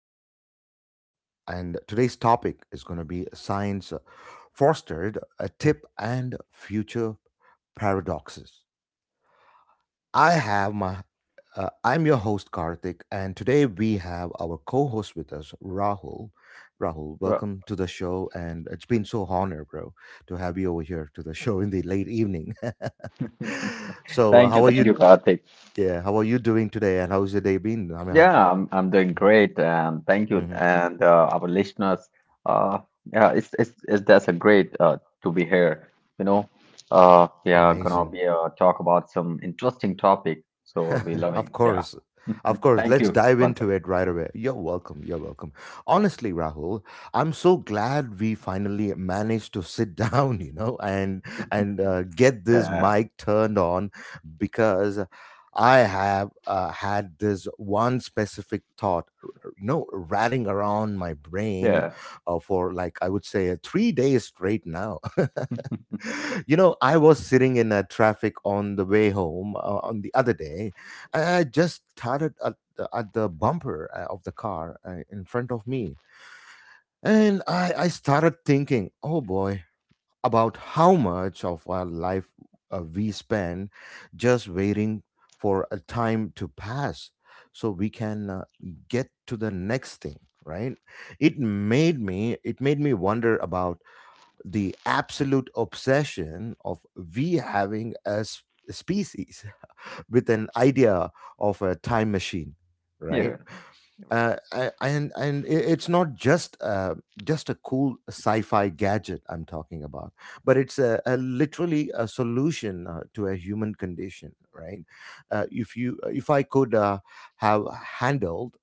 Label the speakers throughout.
Speaker 1: podcast. And today's topic is going to be science fostered, a tip and future paradoxes. I have my, I'm your host Karthik, and today we have our co-host with us, Rahul. Rahul,
Speaker 2: Sure.
Speaker 1: welcome to the show, and it's been so honor, bro, to have you over here to the show in the late evening. So how are
Speaker 2: Thank
Speaker 1: you?
Speaker 2: you, Karthik.
Speaker 1: Yeah, how are you doing today? And how's your day been? I mean.
Speaker 2: Yeah, I'm doing great, and thank you,
Speaker 1: hmm
Speaker 2: and our listeners. Uh, yeah, it's that's a great to be here. You know, we are gonna
Speaker 1: Amazing.
Speaker 2: be talk about some interesting topic. So we loving.
Speaker 1: Of
Speaker 2: Yeah,
Speaker 1: course. Of course.
Speaker 2: thank
Speaker 1: Let's
Speaker 2: you
Speaker 1: dive
Speaker 2: once
Speaker 1: into
Speaker 2: again.
Speaker 1: it right away. You're welcome. You're welcome. Honestly, Rahul, I'm so glad we finally managed to sit down, and get this
Speaker 2: Yeah,
Speaker 1: mic turned on because I have had this one specific thought, you know, ratting around my brain
Speaker 2: yeah,
Speaker 1: for like I would say 3 days straight now. You know, I was sitting in a traffic on the way home on the other day. And I just started at the bumper of the car in front of me. And I started thinking, oh boy, about how much of our life we spend just waiting for a time to pass so we can get to the next thing, right? It made me wonder about the absolute obsession of we having a species with an idea of a time machine, right?
Speaker 2: yeah. You're
Speaker 1: And it's not just a cool sci-fi gadget I'm talking about, but it's a literally a solution to a human condition, right? If I could have handled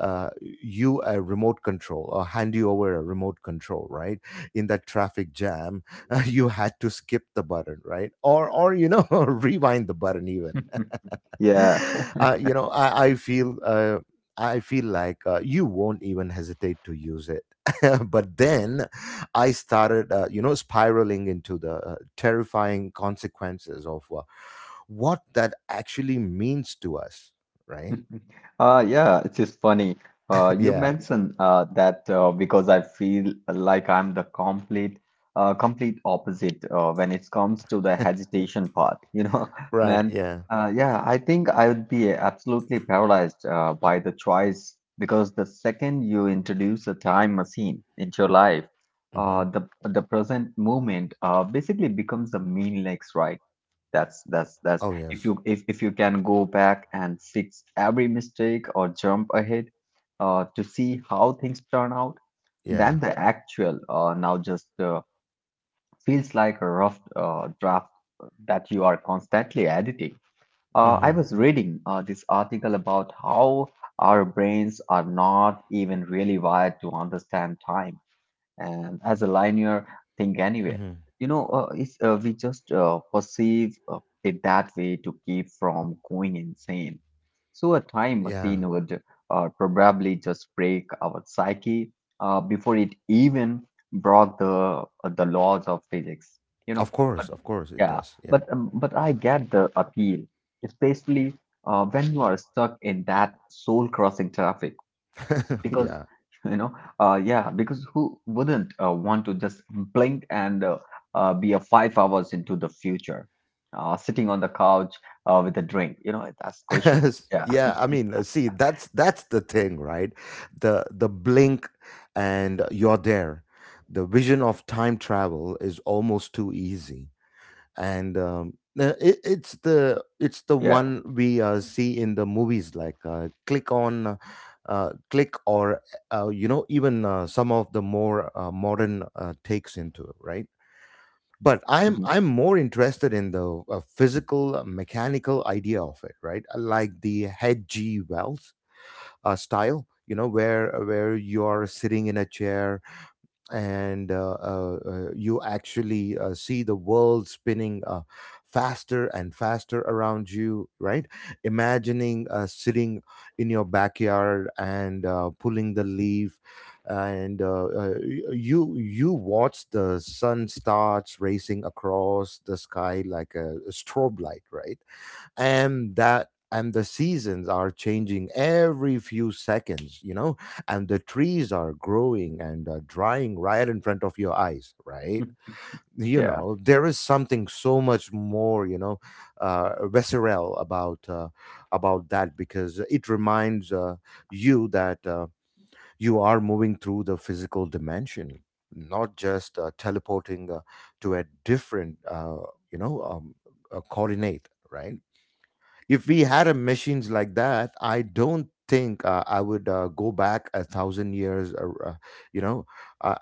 Speaker 1: you a remote control, or hand you over a remote control, right? In that traffic jam, you had to skip the button, right? Or you know, rewind the button even.
Speaker 2: right. Yeah.
Speaker 1: You know, I feel. I feel like you won't even hesitate to use it. But then I started, you know, spiraling into the terrifying consequences of what that actually means to us, right?
Speaker 2: Yeah, it is funny. You
Speaker 1: Yeah,
Speaker 2: mentioned that because I feel like I'm the complete opposite when it comes to the hesitation part. You know,
Speaker 1: right,
Speaker 2: when
Speaker 1: yeah.
Speaker 2: Yeah, I think I would be absolutely paralyzed by the choice because the second you introduce a time machine into your life, uh,
Speaker 1: hmm
Speaker 2: the the present moment basically becomes a meaningless, right? That's
Speaker 1: Oh yes.
Speaker 2: if you can go back and fix every mistake or jump ahead to see how things turn out,
Speaker 1: Yeah.
Speaker 2: then the actual now just feels like a rough draft that you are constantly editing. I
Speaker 1: Mhm.
Speaker 2: was reading this article about how our brains are not even really wired to understand time and as a linear thing anyway.
Speaker 1: Mhm.
Speaker 2: We just perceive it that way to keep from going insane. So a time
Speaker 1: Yeah.
Speaker 2: machine would probably just break our psyche before it even broke the laws of physics, you know. But
Speaker 1: Of course it
Speaker 2: yeah,
Speaker 1: does. Yeah.
Speaker 2: but I get the appeal, especially when you are stuck in that soul crossing traffic, because
Speaker 1: Yeah.
Speaker 2: you know, yeah because who wouldn't want to just blink and be a 5 hours into the future, sitting on the couch with a drink. You know, that's question. Yeah,
Speaker 1: Yeah, I mean, see, that's the thing, right? The blink and you're there. The vision of time travel is almost too easy. And um it's the it's the
Speaker 2: yeah.
Speaker 1: one we see in the movies like click on, click, or you know, even some of the more modern takes into it, right? But I'm
Speaker 2: Mhm.
Speaker 1: more interested in the physical, mechanical idea of it, right? I like the head g wells style, you know, where you're sitting in a chair and you actually see the world spinning faster and faster around you, right? Imagining sitting in your backyard and pulling the leaf, and you you watch the sun starts racing across the sky like a strobe light, right? And that and the seasons are changing every few seconds, you know, and the trees are growing and drying right in front of your eyes, right? You
Speaker 2: Yeah.
Speaker 1: know, there is something so much more, you know, visceral about that, because it reminds you that you are moving through the physical dimension, not just teleporting to a different you know, coordinate, right? If we had a machines like that, I don't think I would go back a thousand years, or you know, uh,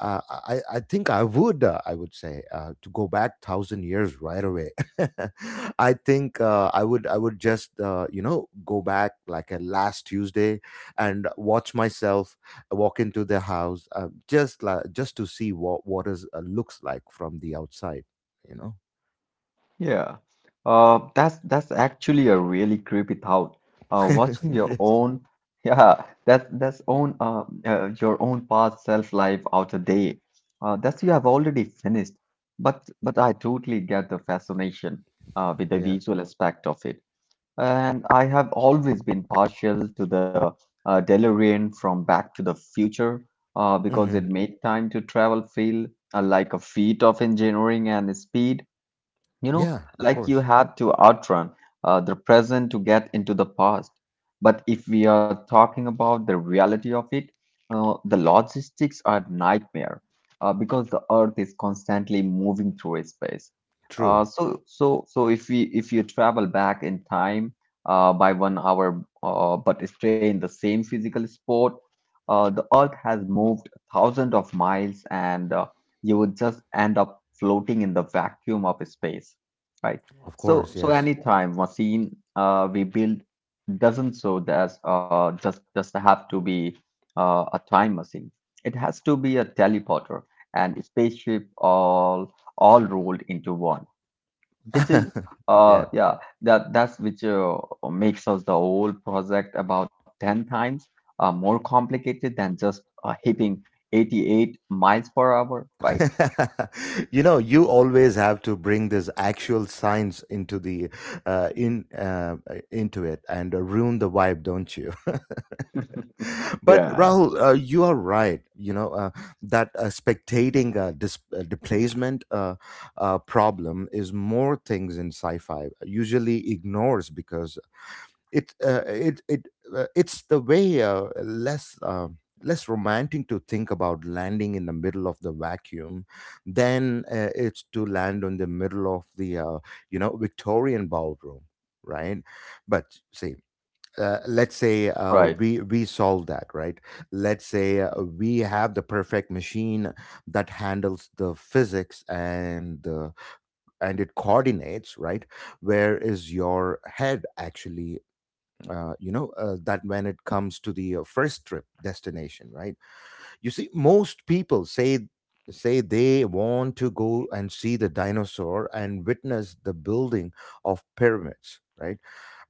Speaker 1: i i i think I would, I would say, to go back thousand years right away. I think I would just, you know, go back like a last Tuesday and watch myself walk into the house, just like just to see what is looks like from the outside, you know.
Speaker 2: Yeah, that's actually a really creepy thought. Watching your
Speaker 1: Yes.
Speaker 2: own, yeah, that's own, your own past self life out a day. That's you have already finished. But I totally get the fascination with the
Speaker 1: Yeah.
Speaker 2: visual aspect of it. And I have always been partial to the DeLorean from Back to the Future because
Speaker 1: hmm
Speaker 2: it made time to travel feel like a feat of engineering and speed. You know,
Speaker 1: yeah, of
Speaker 2: like you
Speaker 1: course.
Speaker 2: had to outrun the present to get into the past. But if we are talking about the reality of it, the logistics are nightmare because the Earth is constantly moving through space.
Speaker 1: True.
Speaker 2: So if we if you travel back in time by 1 hour, but stay in the same physical spot, the Earth has moved thousands of miles, and you would just end up floating in the vacuum of space, right?
Speaker 1: Of
Speaker 2: So,
Speaker 1: course,
Speaker 2: so
Speaker 1: yes.
Speaker 2: anytime machine we build doesn't, so there's just have to be a time machine. It has to be a teleporter and spaceship all rolled into one. This is
Speaker 1: Yeah.
Speaker 2: that's which makes us the whole project about 10 times more complicated than just hitting 88 miles per hour, right?
Speaker 1: You know, you always have to bring this actual science into the, in into it and ruin the vibe, don't you? But
Speaker 2: Yeah,
Speaker 1: Rahul, you are right. You know, that spectating, displacement problem is more things in sci-fi usually ignores, because it it's the way less less romantic to think about landing in the middle of the vacuum than it's to land on the middle of the you know, Victorian ballroom, right? But see. Let's say
Speaker 2: right,
Speaker 1: we solve that, right? Let's say we have the perfect machine that handles the physics and the and it coordinates, right? Where is your head actually, you know, that when it comes to the first trip destination, right? You see, most people say, say they want to go and see the dinosaur and witness the building of pyramids, right?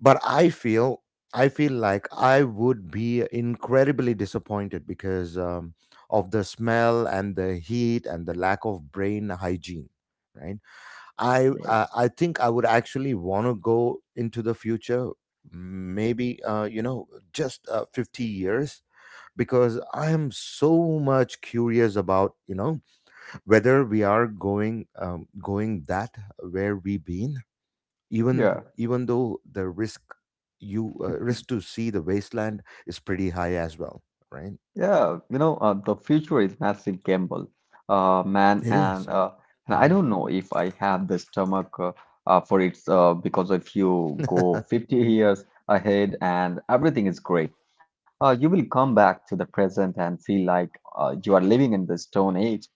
Speaker 1: But I feel like I would be incredibly disappointed because of the smell and the heat and the lack of brain hygiene, right? I,
Speaker 2: right.
Speaker 1: I think I would actually want to go into the future, maybe you know, just 50 years, because I am so much curious about, you know, whether we are going, going that where we been, even
Speaker 2: Yeah,
Speaker 1: even though the risk, you risk to see the wasteland is pretty high as well, right?
Speaker 2: yeah, you know, the future is massive gamble, man,
Speaker 1: It is.
Speaker 2: and I
Speaker 1: Mhm.
Speaker 2: don't know if I have the stomach for it because if you go 50 years ahead and everything is great, you will come back to the present and feel like you are living in the Stone Age.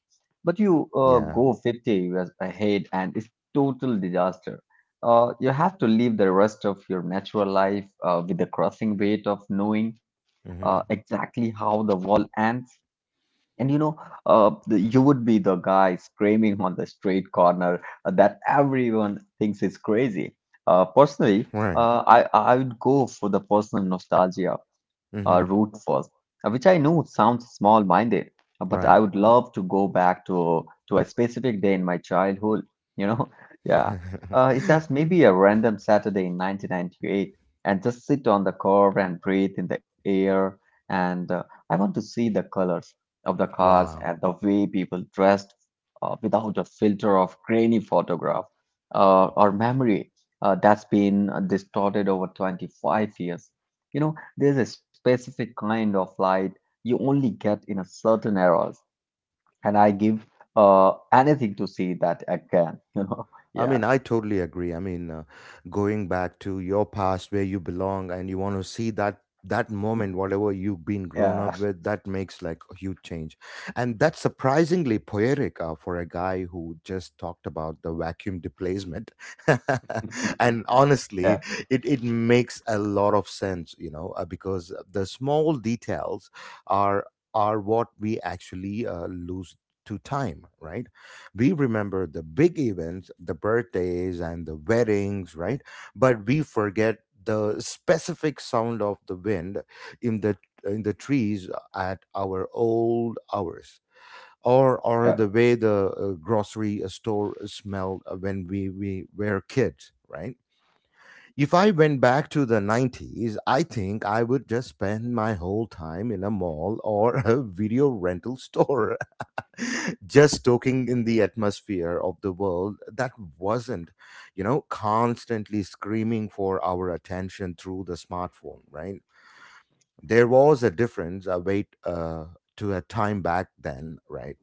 Speaker 2: But you
Speaker 1: Yeah.
Speaker 2: go 50 years ahead and it's total disaster. You have to live the rest of your natural life with the crushing weight of knowing
Speaker 1: hmm
Speaker 2: exactly how the wall ends. And you know, you would be the guy screaming on the street corner that everyone thinks is crazy. Personally,
Speaker 1: Right.
Speaker 2: I would go for the personal nostalgia
Speaker 1: hmm
Speaker 2: route first, which I know sounds small-minded, but I
Speaker 1: Right.
Speaker 2: would love to go back to a specific day in my childhood. You know, yeah, it has maybe a random Saturday in 1998, and just sit on the curb and breathe in the air, and I want to see the colors of the cars
Speaker 1: Wow.
Speaker 2: and the way people dressed without a filter of grainy photograph or memory that's been distorted over 25 years. You know, there's a specific kind of light you only get in a certain eras, and I give anything to see that again. You know,
Speaker 1: I
Speaker 2: yeah,
Speaker 1: mean, I totally agree. I mean, going back to your past where you belong, and you want to see that that moment whatever you've been
Speaker 2: yeah,
Speaker 1: grown up with, that makes like a huge change. And that's surprisingly poetic for a guy who just talked about the vacuum displacement. And honestly,
Speaker 2: yeah,
Speaker 1: it makes a lot of sense, you know, because the small details are are what we actually lose to time, right? We remember the big events, the birthdays and the weddings, right? But we forget the specific sound of the wind in the in the trees at our old hours, or
Speaker 2: yeah,
Speaker 1: the way the grocery store smelled when we were kids, right? If I went back to the 90s, I think I would just spend my whole time in a mall or a video rental store, just soaking in the atmosphere of the world that wasn't, you know, constantly screaming for our attention through the smartphone, right? There was a difference, a weight, to a time back then, right?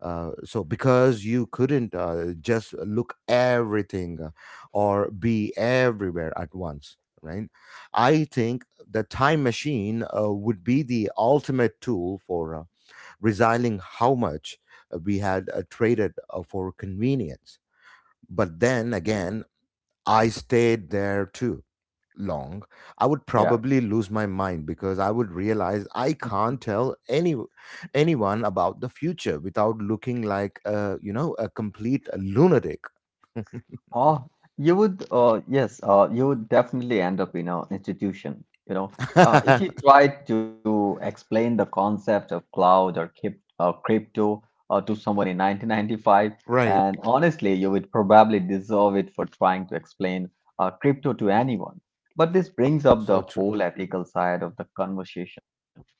Speaker 1: Because you couldn't just look everything or be everywhere at once, right? I think the time machine would be the ultimate tool for realizing how much we had traded for convenience. But then again, I stayed there too long. I would
Speaker 2: yeah.
Speaker 1: probably lose my mind, because I would realize I can't tell any anyone about the future without looking like, a you know, a complete lunatic.
Speaker 2: Uh, you would, yes, you would definitely end up in an institution. You know, if you tried to explain the concept of cloud or crypto to someone in 1995,
Speaker 1: Right.
Speaker 2: and honestly, you would probably deserve it for trying to explain crypto to anyone. But this brings up the
Speaker 1: So true.
Speaker 2: whole ethical side of the conversation,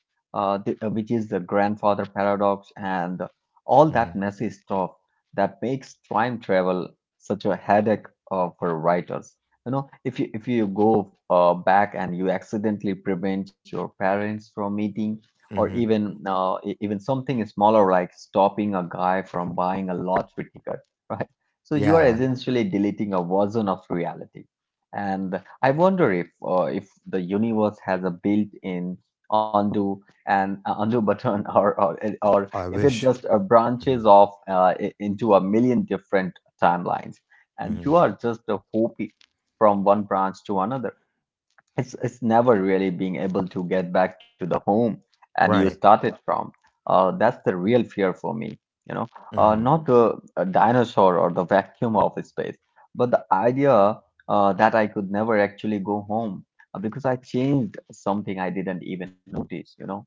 Speaker 2: which is the grandfather paradox and all that
Speaker 1: hmm
Speaker 2: messy stuff that makes time travel such a headache for writers. You know, if you go back and you accidentally prevent your parents from meeting, or
Speaker 1: hmm
Speaker 2: even even something smaller like stopping a guy from buying a lottery ticket, right? So you are
Speaker 1: Yeah.
Speaker 2: essentially deleting a version of reality. And I wonder if the universe has a built-in undo button, or
Speaker 1: I
Speaker 2: if it
Speaker 1: wish.
Speaker 2: just
Speaker 1: hmm
Speaker 2: branches off into a million different timelines, and
Speaker 1: hmm
Speaker 2: you are just a hopping from one branch to another. It's never really being able to get back to the home and you
Speaker 1: Right.
Speaker 2: started from. That's the real fear for me, you know,
Speaker 1: hmm
Speaker 2: not the dinosaur or the vacuum of space, but the idea that I could never actually go home because I changed something I didn't even notice, you know.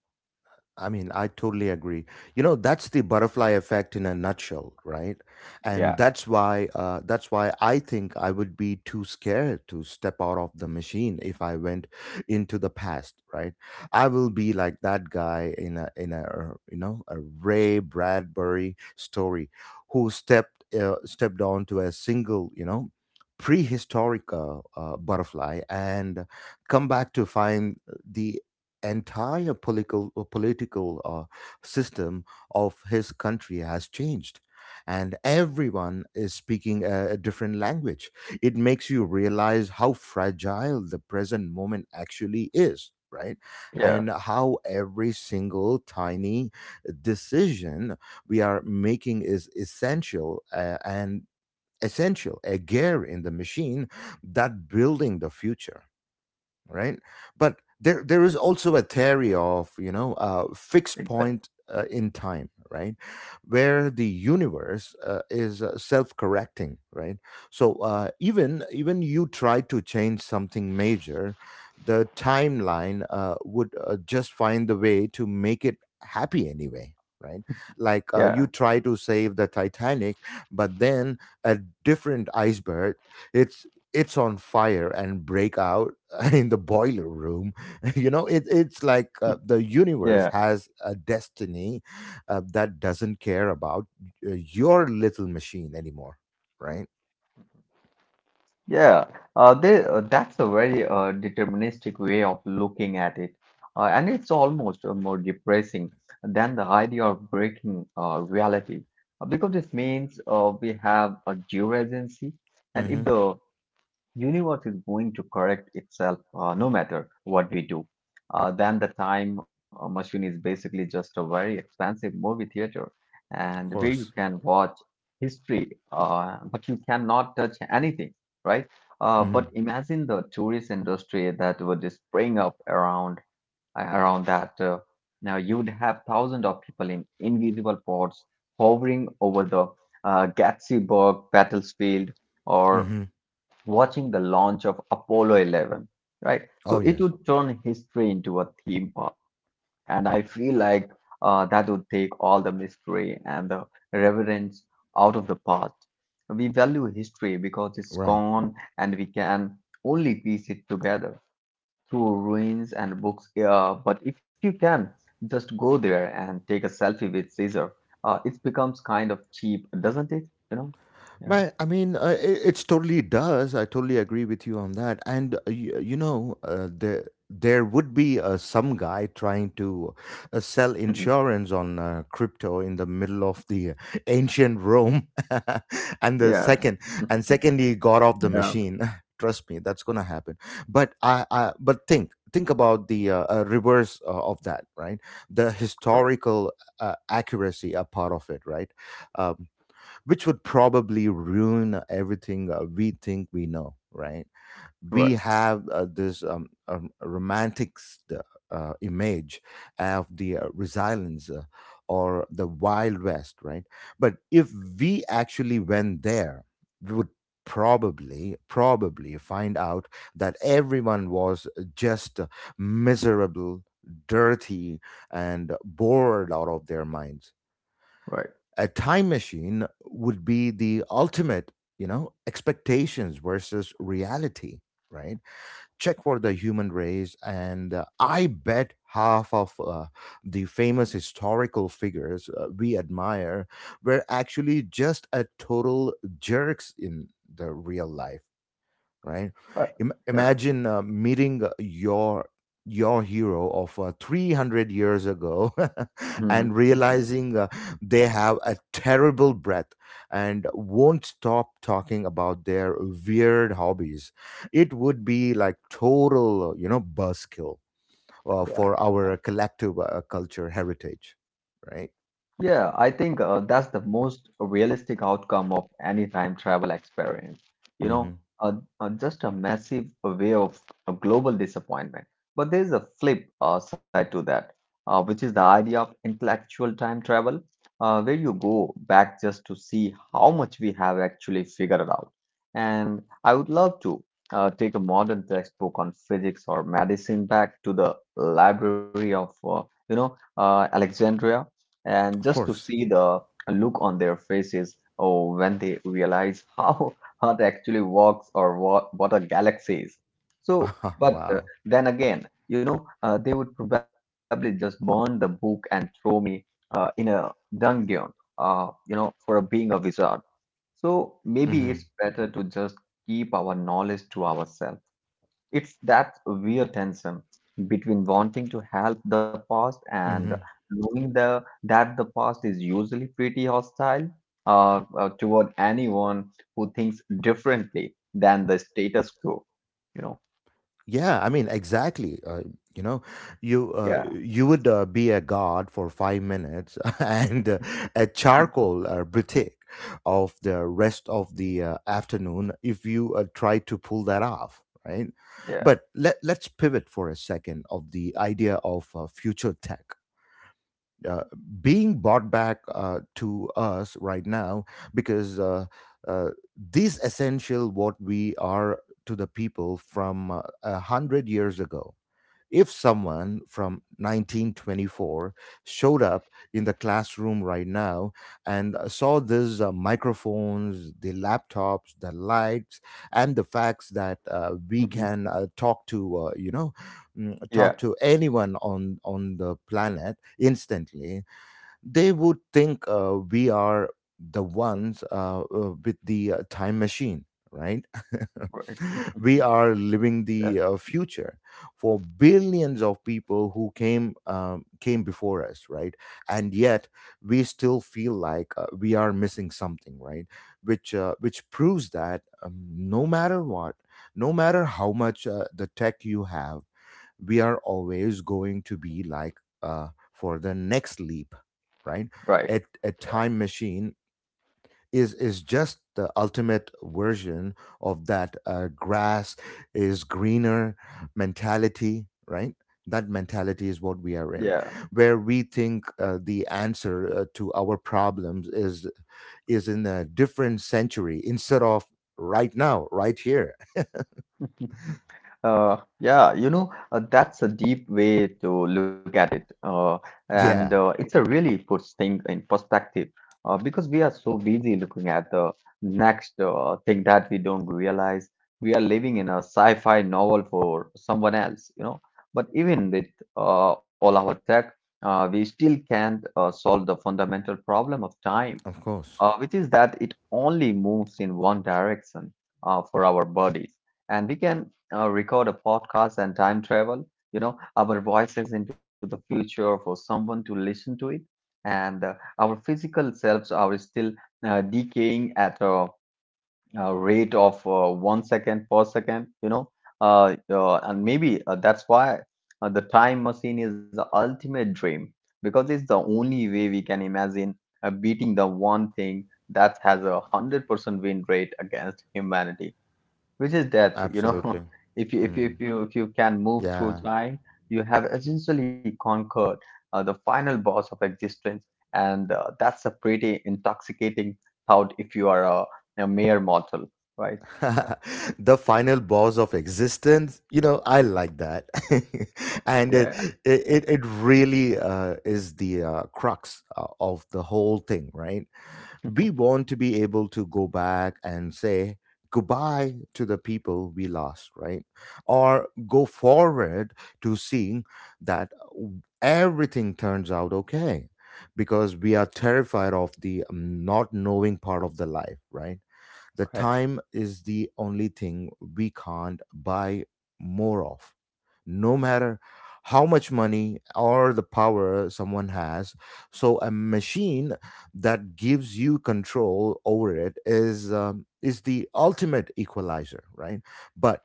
Speaker 1: I mean, I totally agree. You know, that's the butterfly effect in a nutshell, right? And
Speaker 2: Yeah,
Speaker 1: that's why I think I would be too scared to step out of the machine if I went into the past, right? I will be like that guy in a you know, a Ray Bradbury story, who stepped, stepped onto a single, you know, prehistoric butterfly, and come back to find the entire political, system of his country has changed, and everyone is speaking a different language. It makes you realize how fragile the present moment actually is, right?
Speaker 2: yeah,
Speaker 1: And how every single tiny decision we are making is essential, and essential a gear in the machine that building the future, right? But there is also a theory of, you know, fixed
Speaker 2: exactly.
Speaker 1: point in time, right, where the universe is self correcting, right? So even even you try to change something major, the timeline would just find the way to make it happy anyway. Right, like, you
Speaker 2: Yeah,
Speaker 1: try to save the Titanic, but then a different iceberg, it's it's on fire and break out in the boiler room. You know, it's like the universe
Speaker 2: yeah.
Speaker 1: has a destiny that doesn't care about your little machine anymore, right?
Speaker 2: Yeah, that's a very deterministic way of looking at it. And it's almost more depressing than the idea of breaking reality. Because this means we have a due agency. And if
Speaker 1: Mm-hmm.
Speaker 2: the universe is going to correct itself no matter what we do. Then the time machine is basically just a very expensive movie theater
Speaker 1: Of
Speaker 2: and where you
Speaker 1: course.
Speaker 2: can watch history, but you cannot touch anything, right?
Speaker 1: Mm-hmm.
Speaker 2: But imagine the tourist industry that would just spring up around around that. Now you'd have thousands of people in invisible pods hovering over the Gatlinburg battlefield or
Speaker 1: Mm-hmm.
Speaker 2: watching the launch of Apollo 11, right?
Speaker 1: Oh
Speaker 2: So it
Speaker 1: yes.
Speaker 2: would turn history into a theme park. And I feel like that would take all the mystery and the reverence out of the past. We value history because it's
Speaker 1: Right.
Speaker 2: gone and we can only piece it together through ruins and books. Yeah, but if you can, just go there and take a selfie with Caesar. It becomes kind of cheap, doesn't it? You know? Yeah.
Speaker 1: Man, I mean, it's totally does. I totally agree with you on that. And you, there would be some guy trying to sell
Speaker 2: Mhm.
Speaker 1: insurance on crypto in the middle of the ancient Rome, and the
Speaker 2: Yeah,
Speaker 1: second and second he got off the
Speaker 2: yeah,
Speaker 1: machine. Trust me, that's gonna happen. But I but think about the reverse of that, right? The
Speaker 2: right,
Speaker 1: historical accuracy a part of it, right? Um, which would probably ruin everything we think we know, right?
Speaker 2: right.
Speaker 1: We have this image of the resilience or the Wild West, right? But if we actually went there, we would probably find out that everyone was just miserable, dirty, and bored out of their minds.
Speaker 2: Right.
Speaker 1: A time machine would be the ultimate, you know, expectations versus reality, right? Check for the human race, and I bet half of the famous historical figures we admire were actually just a total jerks in the real life, right?
Speaker 2: Uh, yeah.
Speaker 1: Imagine meeting your hero of 300 years ago,
Speaker 2: Mhm.
Speaker 1: and realizing they have a terrible breath and won't stop talking about their weird hobbies. It would be like total, you know, buzzkill for
Speaker 2: Yeah.
Speaker 1: our collective culture heritage, right?
Speaker 2: Yeah, I think that's the most realistic outcome of any time travel experience. You know,
Speaker 1: Hmm.
Speaker 2: uh, just a massive wave of global disappointment. But there's a flip side to that, which is the idea of intellectual time travel, where you go back just to see how much we have actually figured out. And I would love to take a modern textbook on physics or medicine back to the library of, Alexandria, and
Speaker 1: Of
Speaker 2: just to
Speaker 1: course.
Speaker 2: see the look on their faces oh when they realize how earth actually works or what a galaxy is. So but
Speaker 1: Wow.
Speaker 2: then again, you know, they would probably just burn the book and throw me in a dungeon, you know, for being a wizard. So maybe it's
Speaker 1: Hmm.
Speaker 2: better to just keep our knowledge to ourselves. It's that weird tension between wanting to help the past and
Speaker 1: Hmm.
Speaker 2: knowing that the past is usually pretty hostile toward anyone who thinks differently than the status quo. You know?
Speaker 1: Yeah, I mean, exactly. You know, you
Speaker 2: Yeah.
Speaker 1: you would be a god for 5 minutes, and a charcoal critique of the rest of the afternoon if you try to pull that off, right?
Speaker 2: Yeah.
Speaker 1: But let's pivot for a second of the idea of future tech uh, being brought back to us right now, because uh, this essential what we are to the people from a hundred years ago. If someone from 1924 showed up in the classroom right now and saw these microphones, the laptops, the lights, and the facts that we
Speaker 2: Hmm.
Speaker 1: can talk to,
Speaker 2: Yeah.
Speaker 1: talk to anyone on the planet instantly, they would think we are the ones with the time machine, right?
Speaker 2: Right.
Speaker 1: We are living the
Speaker 2: Yeah.
Speaker 1: future for billions of people who came came before us, right? And yet we still feel like we are missing something, right? Which proves that no matter what, no matter how much the tech you have, we are always going to be like for the next leap, right?
Speaker 2: Right.
Speaker 1: A
Speaker 2: Yeah.
Speaker 1: time machine is just the ultimate version of that grass is greener mentality, right? That mentality is what we are in,
Speaker 2: Yeah.
Speaker 1: where we think the answer to our problems is in a different century instead of right now, right here.
Speaker 2: Yeah, you know, that's a deep way to look at it. And
Speaker 1: Yeah.
Speaker 2: it's a really puts things in perspective because we are so busy looking at the next thing that we don't realize we are living in a sci-fi novel for someone else, you know. But even with all our tech, we still can't solve the fundamental problem of time
Speaker 1: Of course.
Speaker 2: which is that it only moves in one direction for our bodies. And we can record a podcast and time travel, you know, our voices into the future for someone to listen to it. And our physical selves are still decaying at a rate of 1 second per second. And maybe that's why the time machine is the ultimate dream because it's the only way we can imagine beating the one thing that has a 100% win rate against humanity, which is death.
Speaker 1: Absolutely.
Speaker 2: if you if you
Speaker 1: Mm.
Speaker 2: if you if you can move through
Speaker 1: Yeah.
Speaker 2: time, you have essentially conquered the final boss of existence, and that's a pretty intoxicating thought if you are a mere mortal, right? Yeah,
Speaker 1: The final boss of existence, you know, I like that. And it
Speaker 2: yeah.
Speaker 1: it, it really is the crux of the whole thing, right? We want to be able to go back and say goodbye to the people we lost, right? Or go forward to seeing that everything turns out okay, because we are terrified of the not knowing part of the life, right? The
Speaker 2: Right.
Speaker 1: time is the only thing we can't buy more of. No matter how much money or the power someone has. So a machine that gives you control over it is the ultimate equalizer, right? But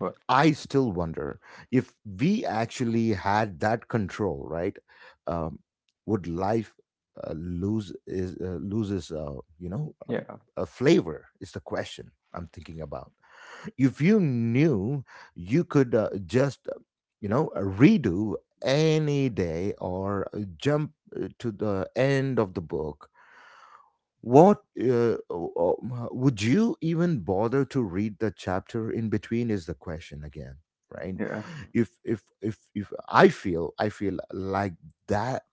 Speaker 2: Well,
Speaker 1: I still wonder if we actually had that control, right? Um, would life loses,
Speaker 2: yeah,
Speaker 1: flavor is the question I'm thinking about. If you knew you could redo any day or jump to the end of the book, what o- o- m- would you even bother to read the chapter in between is the question again, right?
Speaker 2: yeah.
Speaker 1: If I feel I feel like that,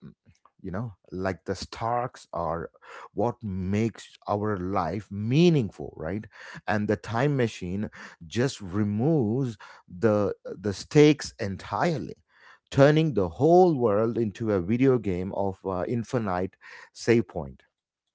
Speaker 1: you know, like the starks are what makes our life meaningful, right? And the time machine just removes the stakes entirely, turning the whole world into a video game of infinite save point.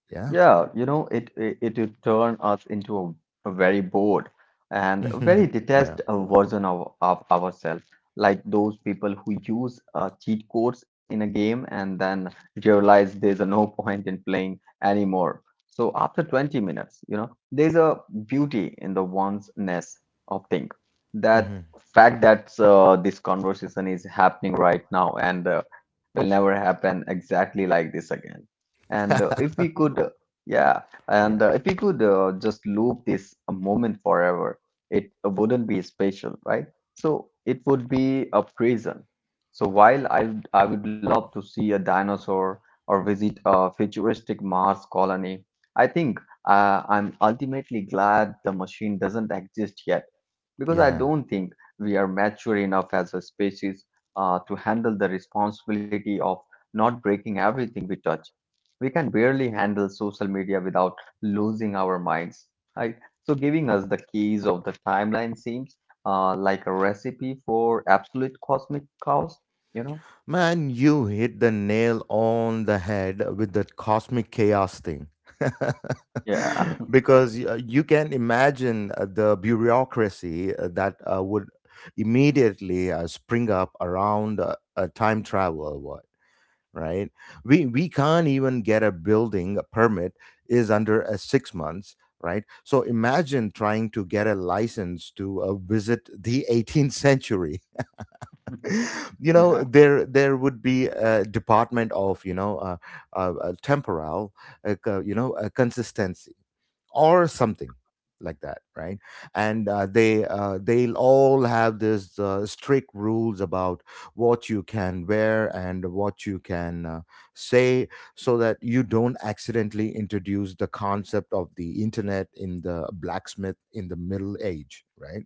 Speaker 1: Yeah.
Speaker 2: Yeah, it would turn us into a very bored and a
Speaker 1: Mhm.
Speaker 2: very
Speaker 1: Yeah.
Speaker 2: detest version of ourselves, like those people who use cheat codes in a game and then realize there's a no point in playing anymore. So after 20 minutes, there's a beauty in the oneness of thing that
Speaker 1: Hmm.
Speaker 2: fact that this conversation is happening right now and will never happen exactly like this again. And if we could, Yeah,
Speaker 1: Yeah.
Speaker 2: and if we could just loop this a moment forever, it wouldn't be special, right? So it would be a prison. So while I would love to see a dinosaur or visit a futuristic Mars colony. I think I'm ultimately glad the machine doesn't exist yet because I
Speaker 1: Yeah.
Speaker 2: don't think we are mature enough as a species to handle the responsibility of not breaking everything we touch. We can barely handle social media without losing our minds. Right? So giving us the keys of the timeline seems like a recipe for absolute cosmic chaos, you know?
Speaker 1: Man, you hit the nail on the head with that cosmic chaos thing.
Speaker 2: Yeah,
Speaker 1: Because you can imagine the bureaucracy that would immediately spring up around time travel, what, right? We can't even get a building a permit is under 6 months, right? So imagine trying to get a license to visit the 18th century. You know,
Speaker 2: yeah,
Speaker 1: there would be a department of, you know, temporal, like, consistency or something like that, right? And they'll all have this strict rules about what you can wear and what you can say, so that you don't accidentally introduce the concept of the internet in the blacksmith in the middle age, right?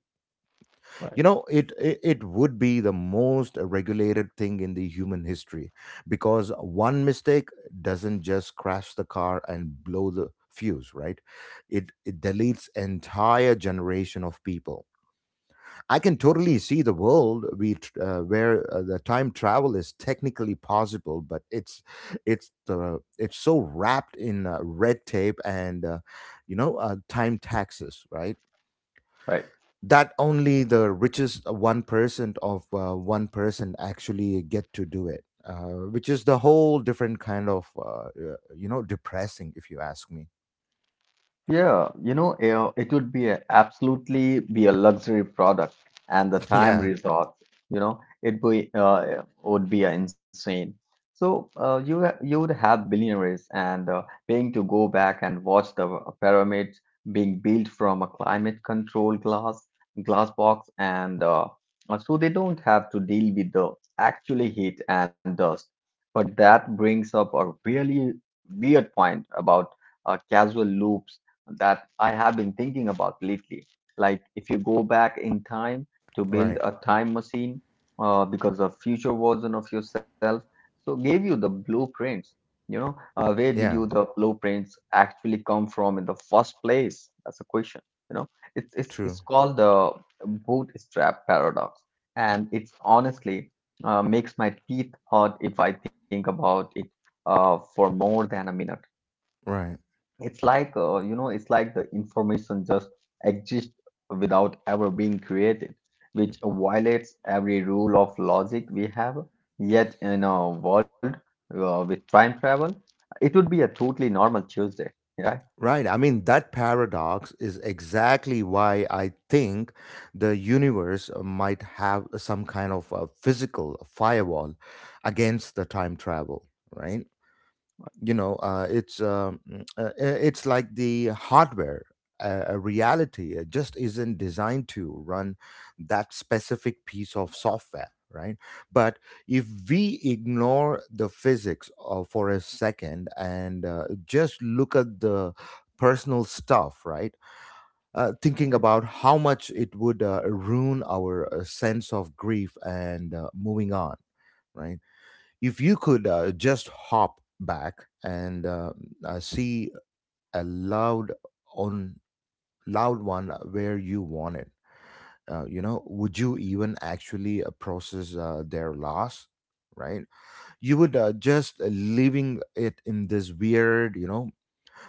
Speaker 1: You
Speaker 2: right,
Speaker 1: know, it would be the most regulated thing in the human history, because one mistake doesn't just crash the car and blow the fuse, right? It deletes entire generation of people. I can totally see the world where the time travel is technically possible, but it's the it's so wrapped in red tape and time taxes, right?
Speaker 2: right.
Speaker 1: That only the richest 1% of one person actually get to do it, which is the whole different kind of depressing, if you ask me.
Speaker 2: Yeah, eh, it would absolutely be a luxury product, and the time
Speaker 1: Yeah,
Speaker 2: resort, it be would be insane. So you would have billionaires and paying to go back and watch the pyramids being built from a climate control glass box, and so they don't have to deal with the actually heat and dust. But that brings up a really weird point about causal loops that I have been thinking about lately. Like, if you go back in time to build
Speaker 1: right.
Speaker 2: a time machine, because a future version of yourself so gave you the blueprints. Where did you
Speaker 1: Yeah,
Speaker 2: the blueprints actually come from in the first place? That's a question. You know, it's it's
Speaker 1: true.
Speaker 2: it's called the bootstrap paradox, and it's honestly makes my teeth hurt if I think about it for more than a minute.
Speaker 1: Right.
Speaker 2: It's like the information just exists without ever being created, which violates every rule of logic we have. Yet in a world with time travel, it would be a totally normal Tuesday, right?
Speaker 1: Right. I mean, that paradox is exactly why I think the universe might have some kind of a physical firewall against the time travel, right? you know uh, it's um, mm, uh, it's like the hardware a reality, it just isn't designed to run that specific piece of software, right? But if we ignore the physics for a second and just look at the personal stuff, right? Thinking about how much it would ruin our sense of grief and moving on, right? If you could just hop back and see a loud on loud one where you want it, would you even actually process their loss, right? You would just leaving it in this weird, you know,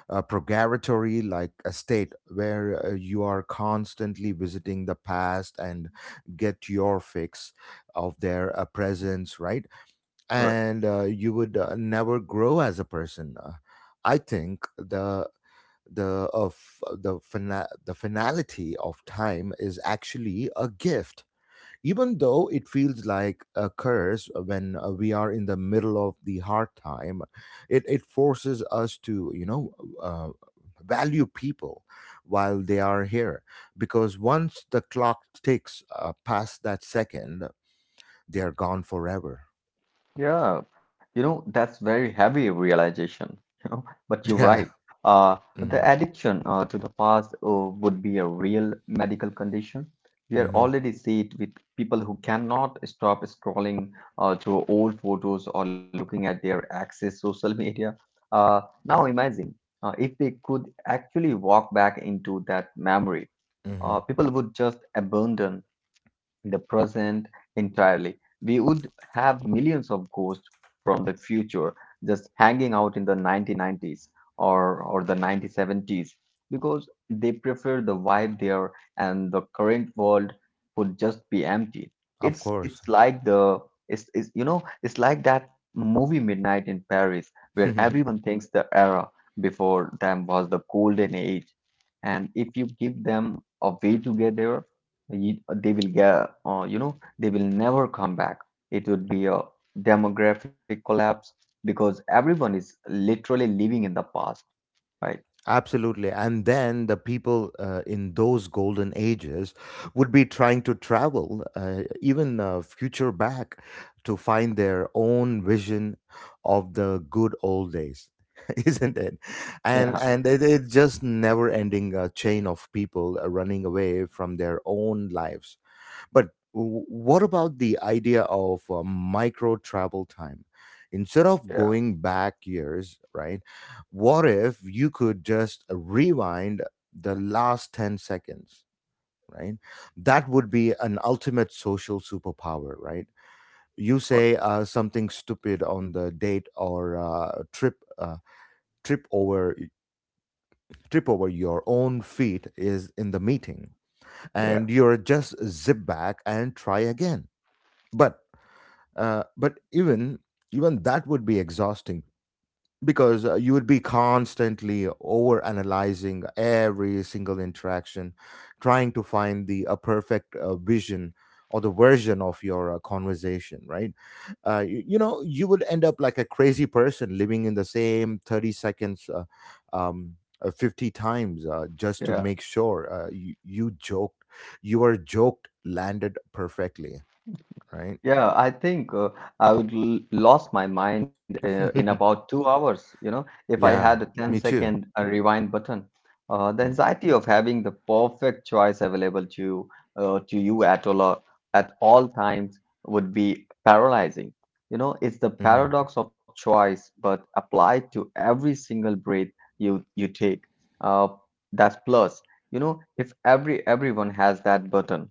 Speaker 1: purgatory like a state where you are constantly visiting the past and get your fix of their presence, right? And you would never grow as a person. I think the of the finality of time is actually a gift, even though it feels like a curse when we are in the middle of the hard time. It forces us to, you know. Uh, Value people while they are here, because once the clock ticks past that second, they are gone forever.
Speaker 2: Yeah, that's very heavy realization, you know, but you're
Speaker 1: Yeah.
Speaker 2: right. Uh, the
Speaker 1: Mhm.
Speaker 2: addiction to the past would be a real medical condition. We are already see it with people who cannot stop scrolling through old photos or looking at their access social media. Now imagine if they could actually walk back into that memory,
Speaker 1: Hmm.
Speaker 2: people would just abandon in the present entirely. We would have millions of ghosts from the future just hanging out in the 1990s, or the 1970s, because they prefer the vibe there and the current world would just be empty.
Speaker 1: Of
Speaker 2: It's
Speaker 1: course.
Speaker 2: it's like the it's like that movie Midnight in Paris, where everyone thinks the era before them was the golden age, and if you give them a way together, Ye- They will get, you know, they will never come back. It would be a demographic collapse because everyone is literally living in the past, right?
Speaker 1: Absolutely. And then the people in those golden ages would be trying to travel, even future back, to find their own vision of the good old days. Isn't it?
Speaker 2: Yeah,
Speaker 1: And it, it's just never ending chain of people running away from their own lives. But what about the idea of micro travel time? Instead of
Speaker 2: yeah,
Speaker 1: going back years, right? What if you could just rewind the last 10 seconds, right? That would be an ultimate social superpower, right? You
Speaker 2: quite-
Speaker 1: say something stupid on the date or trip over, trip over your own feet is in the meeting,
Speaker 2: yeah,
Speaker 1: and you're just zip back and try again. But Uh, but even even that would be exhausting, because you would be constantly over analyzing every single interaction, trying to find the perfect vision or the version of your conversation, right? You would end up like a crazy person living in the same 30 seconds um, 50 times just to
Speaker 2: yeah.
Speaker 1: make sure your joke landed perfectly, right?
Speaker 2: Yeah, I think I would l lost my mind in about 2 hours. You know, if I had a
Speaker 1: Yeah, me
Speaker 2: ten-second
Speaker 1: too.
Speaker 2: rewind button, the
Speaker 1: Mm.
Speaker 2: anxiety of having the perfect choice available to you at all times would be paralyzing. You know, it's the
Speaker 1: Mm-hmm.
Speaker 2: paradox of choice, but applied to every single breath you you take. Uh, that's plus. You know, if everyone has that button,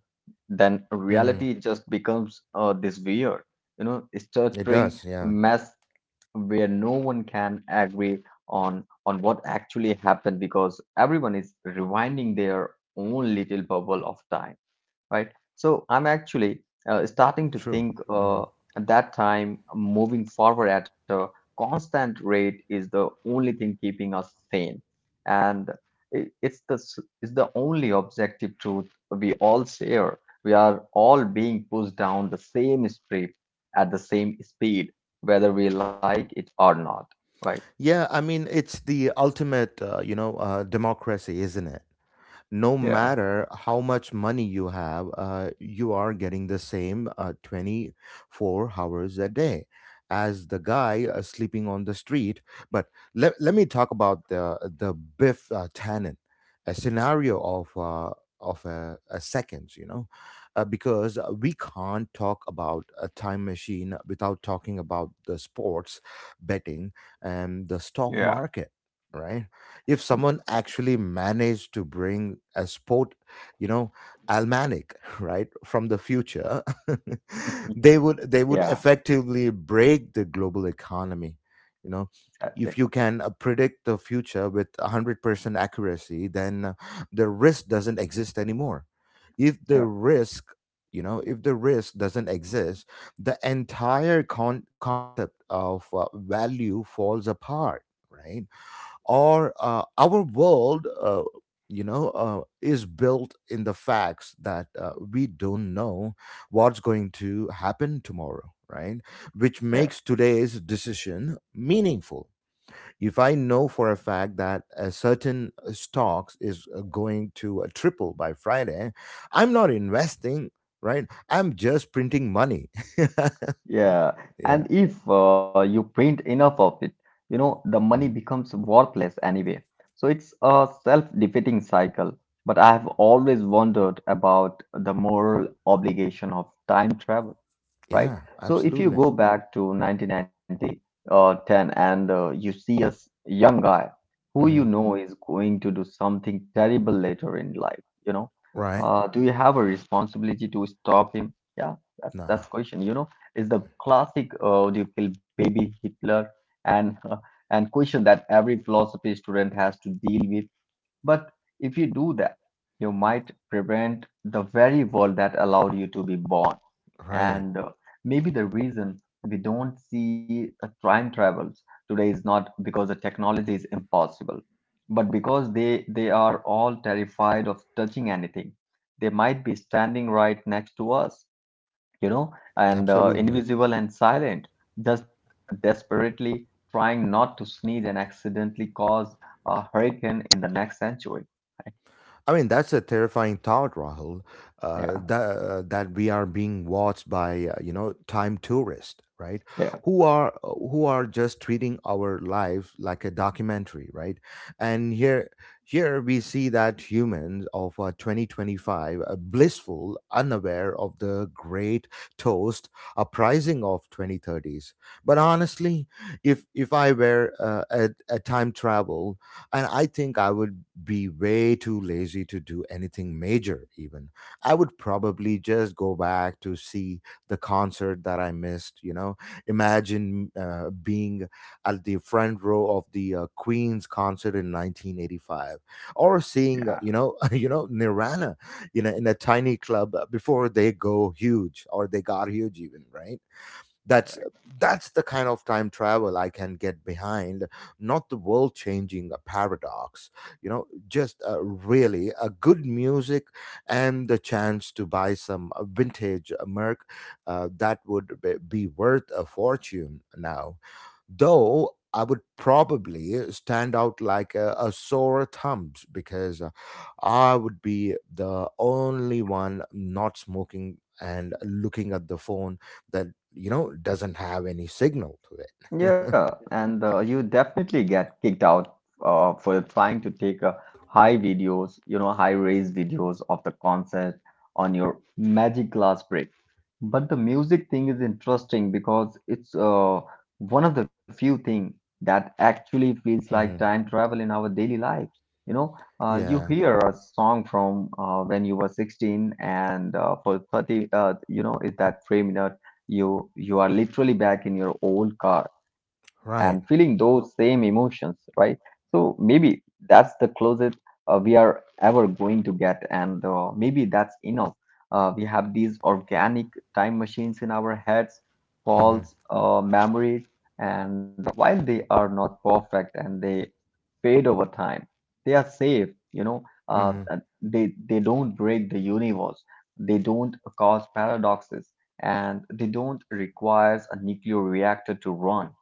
Speaker 2: then
Speaker 1: Hmm.
Speaker 2: reality just becomes this weird,
Speaker 1: It
Speaker 2: stuttering
Speaker 1: does. Yeah,
Speaker 2: mess where no one can agree on what actually happened because everyone is rewinding their own little bubble of time, right? So I'm actually starting to
Speaker 1: true.
Speaker 2: think
Speaker 1: Hmm.
Speaker 2: at that time moving forward at a constant rate is the only thing keeping us sane, and it's the only objective truth we all share. We are all being pushed down the same strip at the same speed, whether we like it or not, right?
Speaker 1: Yeah, I mean, it's the ultimate, democracy, isn't it? No
Speaker 2: Yeah,
Speaker 1: matter how much money you have, you are getting the same 24 hours a day as the guy sleeping on the street. But let me talk about the Biff Tannen, a scenario of a seconds, you know, because we can't talk about a time machine without talking about the sports betting and the stock
Speaker 2: yeah,
Speaker 1: market, right? If someone actually managed to bring a sport, you know, almanac, right, from the future, they would
Speaker 2: yeah,
Speaker 1: effectively break the global economy. You know,
Speaker 2: exactly.
Speaker 1: if you can predict the future with 100% accuracy, then the risk doesn't exist anymore. If the risk if the risk doesn't exist, the entire concept of value falls apart, right? or Our world, is built in the facts that we don't know what's going to happen tomorrow, right? Which
Speaker 2: Yeah.
Speaker 1: makes today's decision meaningful. If I know for a fact that a certain stocks is going to triple by Friday, I'm not investing. Right, I'm just printing money.
Speaker 2: Yeah,
Speaker 1: Yeah.
Speaker 2: and if you print enough of it, the money
Speaker 1: Mhm.
Speaker 2: becomes worthless anyway. So it's a self-defeating cycle. But I have always wondered about the moral obligation of time travel,
Speaker 1: Yeah,
Speaker 2: right? So if
Speaker 1: absolutely.
Speaker 2: you go back to 1990 or 10, and you see a young guy who you
Speaker 1: Hmm.
Speaker 2: know is going to do something terrible later in life, you know,
Speaker 1: Right.
Speaker 2: uh, Do you have a responsibility to stop him? Yeah, that's
Speaker 1: Nah.
Speaker 2: question. Is the classic "Do you kill baby Hitler?" and and question that every philosophy student has to deal with. But if you do that, you might prevent the very world that allowed you to be born.
Speaker 1: Right.
Speaker 2: And maybe the reason we don't see time travels today is not because the technology is impossible, but because they are all terrified of touching anything. They might be standing right next to us, you know, and
Speaker 1: Absolutely.
Speaker 2: invisible and silent, just desperately trying not to sneeze and accidentally cause a hurricane in the next century. Right?
Speaker 1: I mean, that's a terrifying thought, Rahul,
Speaker 2: Yeah,
Speaker 1: that, that we are being watched by, time tourists, right?
Speaker 2: yeah.
Speaker 1: Who are just treating our lives like a documentary, right? And here, here we see that humans of 2025 are blissful, unaware of the great toast uprising of 2030s. But honestly, if I were a time travel, and I think I would be way too lazy to do anything major, even. I would probably just go back to see the concert that I missed, you know. Imagine being at the front row of the Queen's concert in 1985, or seeing, Nirvana, you know, in a tiny club before they go huge, or they got huge even, right? that's that's the kind of time travel I can get behind, not the world changing paradox, you know, just really a good music and the chance to buy some vintage merc that would be worth a fortune now, though I would probably stand out like a sore thumb, because I would be the only one not smoking and looking at the phone that, you know, doesn't have any signal to it.
Speaker 2: Yeah, and you definitely get kicked out for trying to take high res videos of the concert on your magic glass break. But the music thing is interesting because it's one of the few things that actually feels like
Speaker 1: Hmm.
Speaker 2: time travel in our daily lives. You
Speaker 1: Yeah,
Speaker 2: hear a song from when you were 16, and for 30, is that 3 minutes, you are literally back in your old car and feeling
Speaker 1: right.
Speaker 2: those same emotions, right? So maybe that's the closest we are ever going to get, and maybe that's enough. We have these organic time machines in our heads,
Speaker 1: Hmm.
Speaker 2: false memories, and while they are not perfect and they fade over time, they are safe.
Speaker 1: Hmm.
Speaker 2: They don't break the universe. They don't cause paradoxes, and they don't requires a nuclear reactor to run,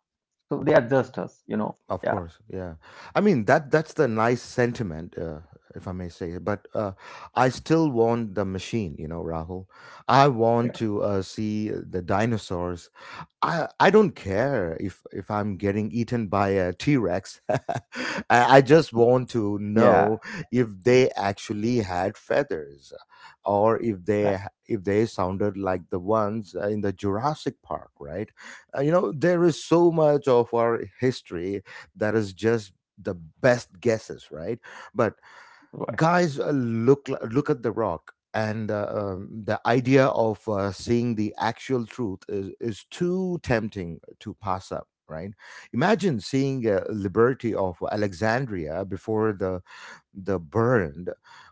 Speaker 2: so they are just us.
Speaker 1: Of
Speaker 2: Yeah,
Speaker 1: course, yeah. I mean, that that's the nice sentiment, if I may say it. But I still want the machine, you know, Rahul. I
Speaker 2: yeah.
Speaker 1: want to see the dinosaurs. I don't care if I'm getting eaten by a T Rex. I just want to
Speaker 2: Yeah,
Speaker 1: know if they actually had feathers, or if they,
Speaker 2: exactly.
Speaker 1: if they sounded like the ones in the Jurassic Park, right? There is so much of our history that is just the best guesses, right? But
Speaker 2: Right,
Speaker 1: guys, look, look at the rock, and the idea of seeing the actual truth is too tempting to pass up, right? Imagine seeing liberty of alexandria before the burned,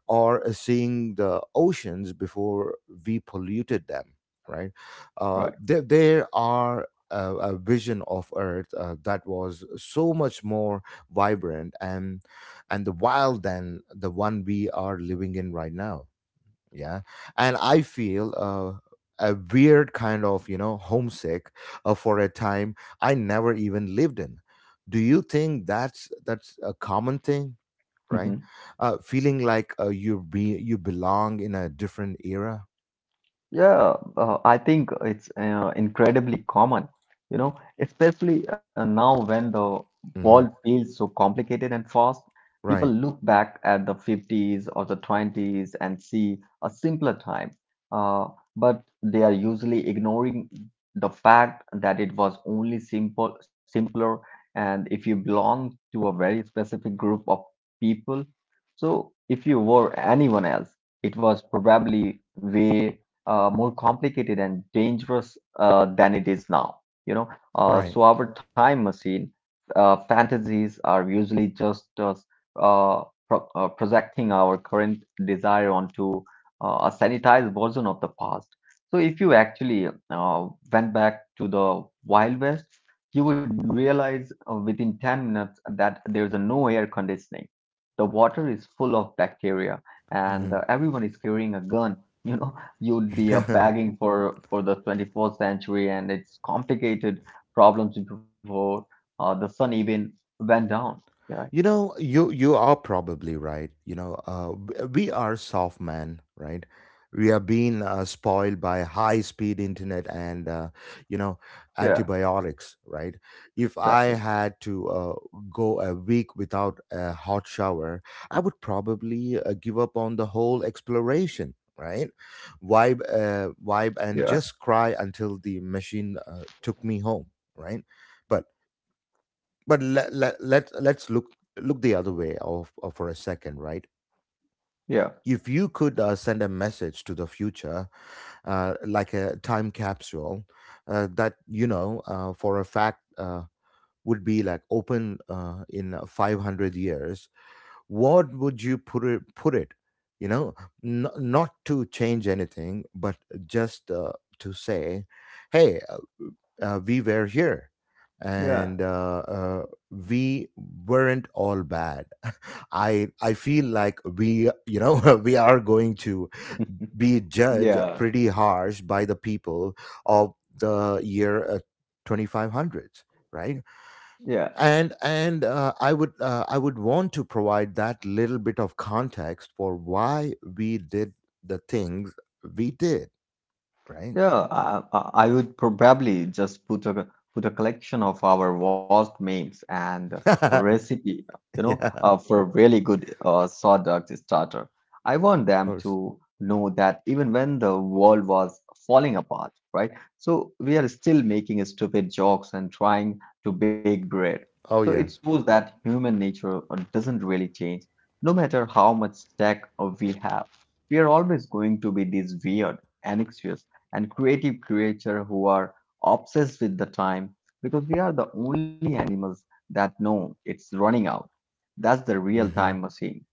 Speaker 1: or seeing the oceans before we polluted them, right?
Speaker 2: right.
Speaker 1: There, there are a vision of earth that was so much more vibrant and the wild than the one we are living in right now. Yeah. And I feel a weird kind of, you know, homesick for a time I never even lived in. Do you think that's a common thing, right? Feeling like you be you belong in a different era.
Speaker 2: Yeah, I think it's incredibly common, especially now when the world
Speaker 1: Hmm.
Speaker 2: feels so complicated and fast. People
Speaker 1: Right,
Speaker 2: look back at the 50s or the 20s and see a simpler time, uh, but they are usually ignoring the fact that it was only simpler, and if you belong to a very specific group of people, so if you were anyone else, it was probably way more complicated and dangerous than it is now. You know,
Speaker 1: right.
Speaker 2: so our time machine fantasies are usually just projecting our current desire onto a sanitized version of the past. So if you actually went back to the Wild West, you would realize within 10 minutes that there is a no air conditioning. The water is full of bacteria, and
Speaker 1: Mhm.
Speaker 2: everyone is carrying a gun you know you'd be up begging for the 24th century and its complicated problems before the sun even went down. Yeah,
Speaker 1: You know, you are probably right. You know, we are soft men, right? We are being spoiled by high speed internet and you know
Speaker 2: yeah,
Speaker 1: antibiotics, right? If
Speaker 2: exactly.
Speaker 1: I had to go a week without a hot shower, I would probably give up on the whole exploration, right? Vibe, vibe, and just cry until the machine took me home, right? But but let's look the other way of for a second, right?
Speaker 2: Yeah,
Speaker 1: If you could send a message to the future, like a time capsule that you know for a fact would be like open in 500 years. What would you put it you know, not to change anything, but just to say, hey, we were here,
Speaker 2: yeah,
Speaker 1: and we weren't all bad. I feel like we, you know, we are going to be judged
Speaker 2: yeah,
Speaker 1: pretty harsh by the people of the year 2500s, right?
Speaker 2: yeah.
Speaker 1: And I would I would want to provide that little bit of context for why we did the things we did, right?
Speaker 2: Yeah, I would probably just put a collection of our worst memes and a recipe,
Speaker 1: Yeah, of
Speaker 2: for a really good sawdust starter. I want them
Speaker 1: course.
Speaker 2: to know that even when the world was falling apart, right? So we are still making stupid jokes and trying to bake bread. So
Speaker 1: Oh
Speaker 2: it
Speaker 1: yes.
Speaker 2: shows that human nature doesn't really change, no matter how much tech we have. We are always going to be these weird, anxious and creative creatures who are obsessed with the time because we are the only animals that know it's running out. That's the real
Speaker 1: Hmm.
Speaker 2: time machine.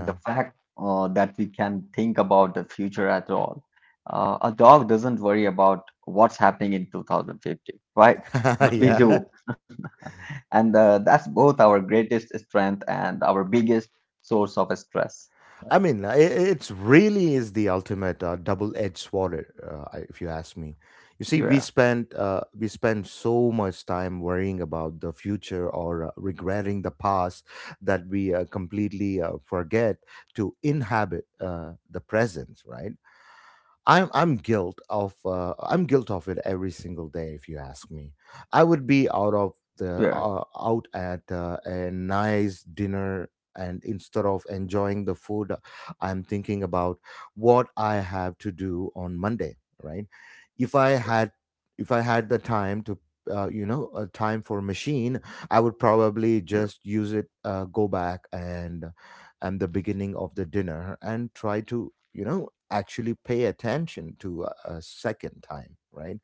Speaker 2: The fact that we can think about the future at all. A dog doesn't worry about what's happening in 2050, right? But we
Speaker 1: Yeah.
Speaker 2: do. And That's both our greatest strength and our biggest source of stress.
Speaker 1: I
Speaker 2: Right.
Speaker 1: mean, it's really is the ultimate double-edged sword, if you ask me. You see,
Speaker 2: Yeah.
Speaker 1: we spend so much time worrying about the future, or regretting the past, that we completely forget to inhabit the present, right? I'm guilt of it every single day. If you ask me, I would
Speaker 2: Yeah.
Speaker 1: be out of the out at a nice dinner, and instead of enjoying the food, I'm thinking about what I have to do on Monday. Right? If I
Speaker 2: Right.
Speaker 1: had if I had the time to time for machine, I would probably
Speaker 2: Yeah.
Speaker 1: just use it, go back and the beginning of the dinner, and try to, you know, actually pay attention to a second time, right?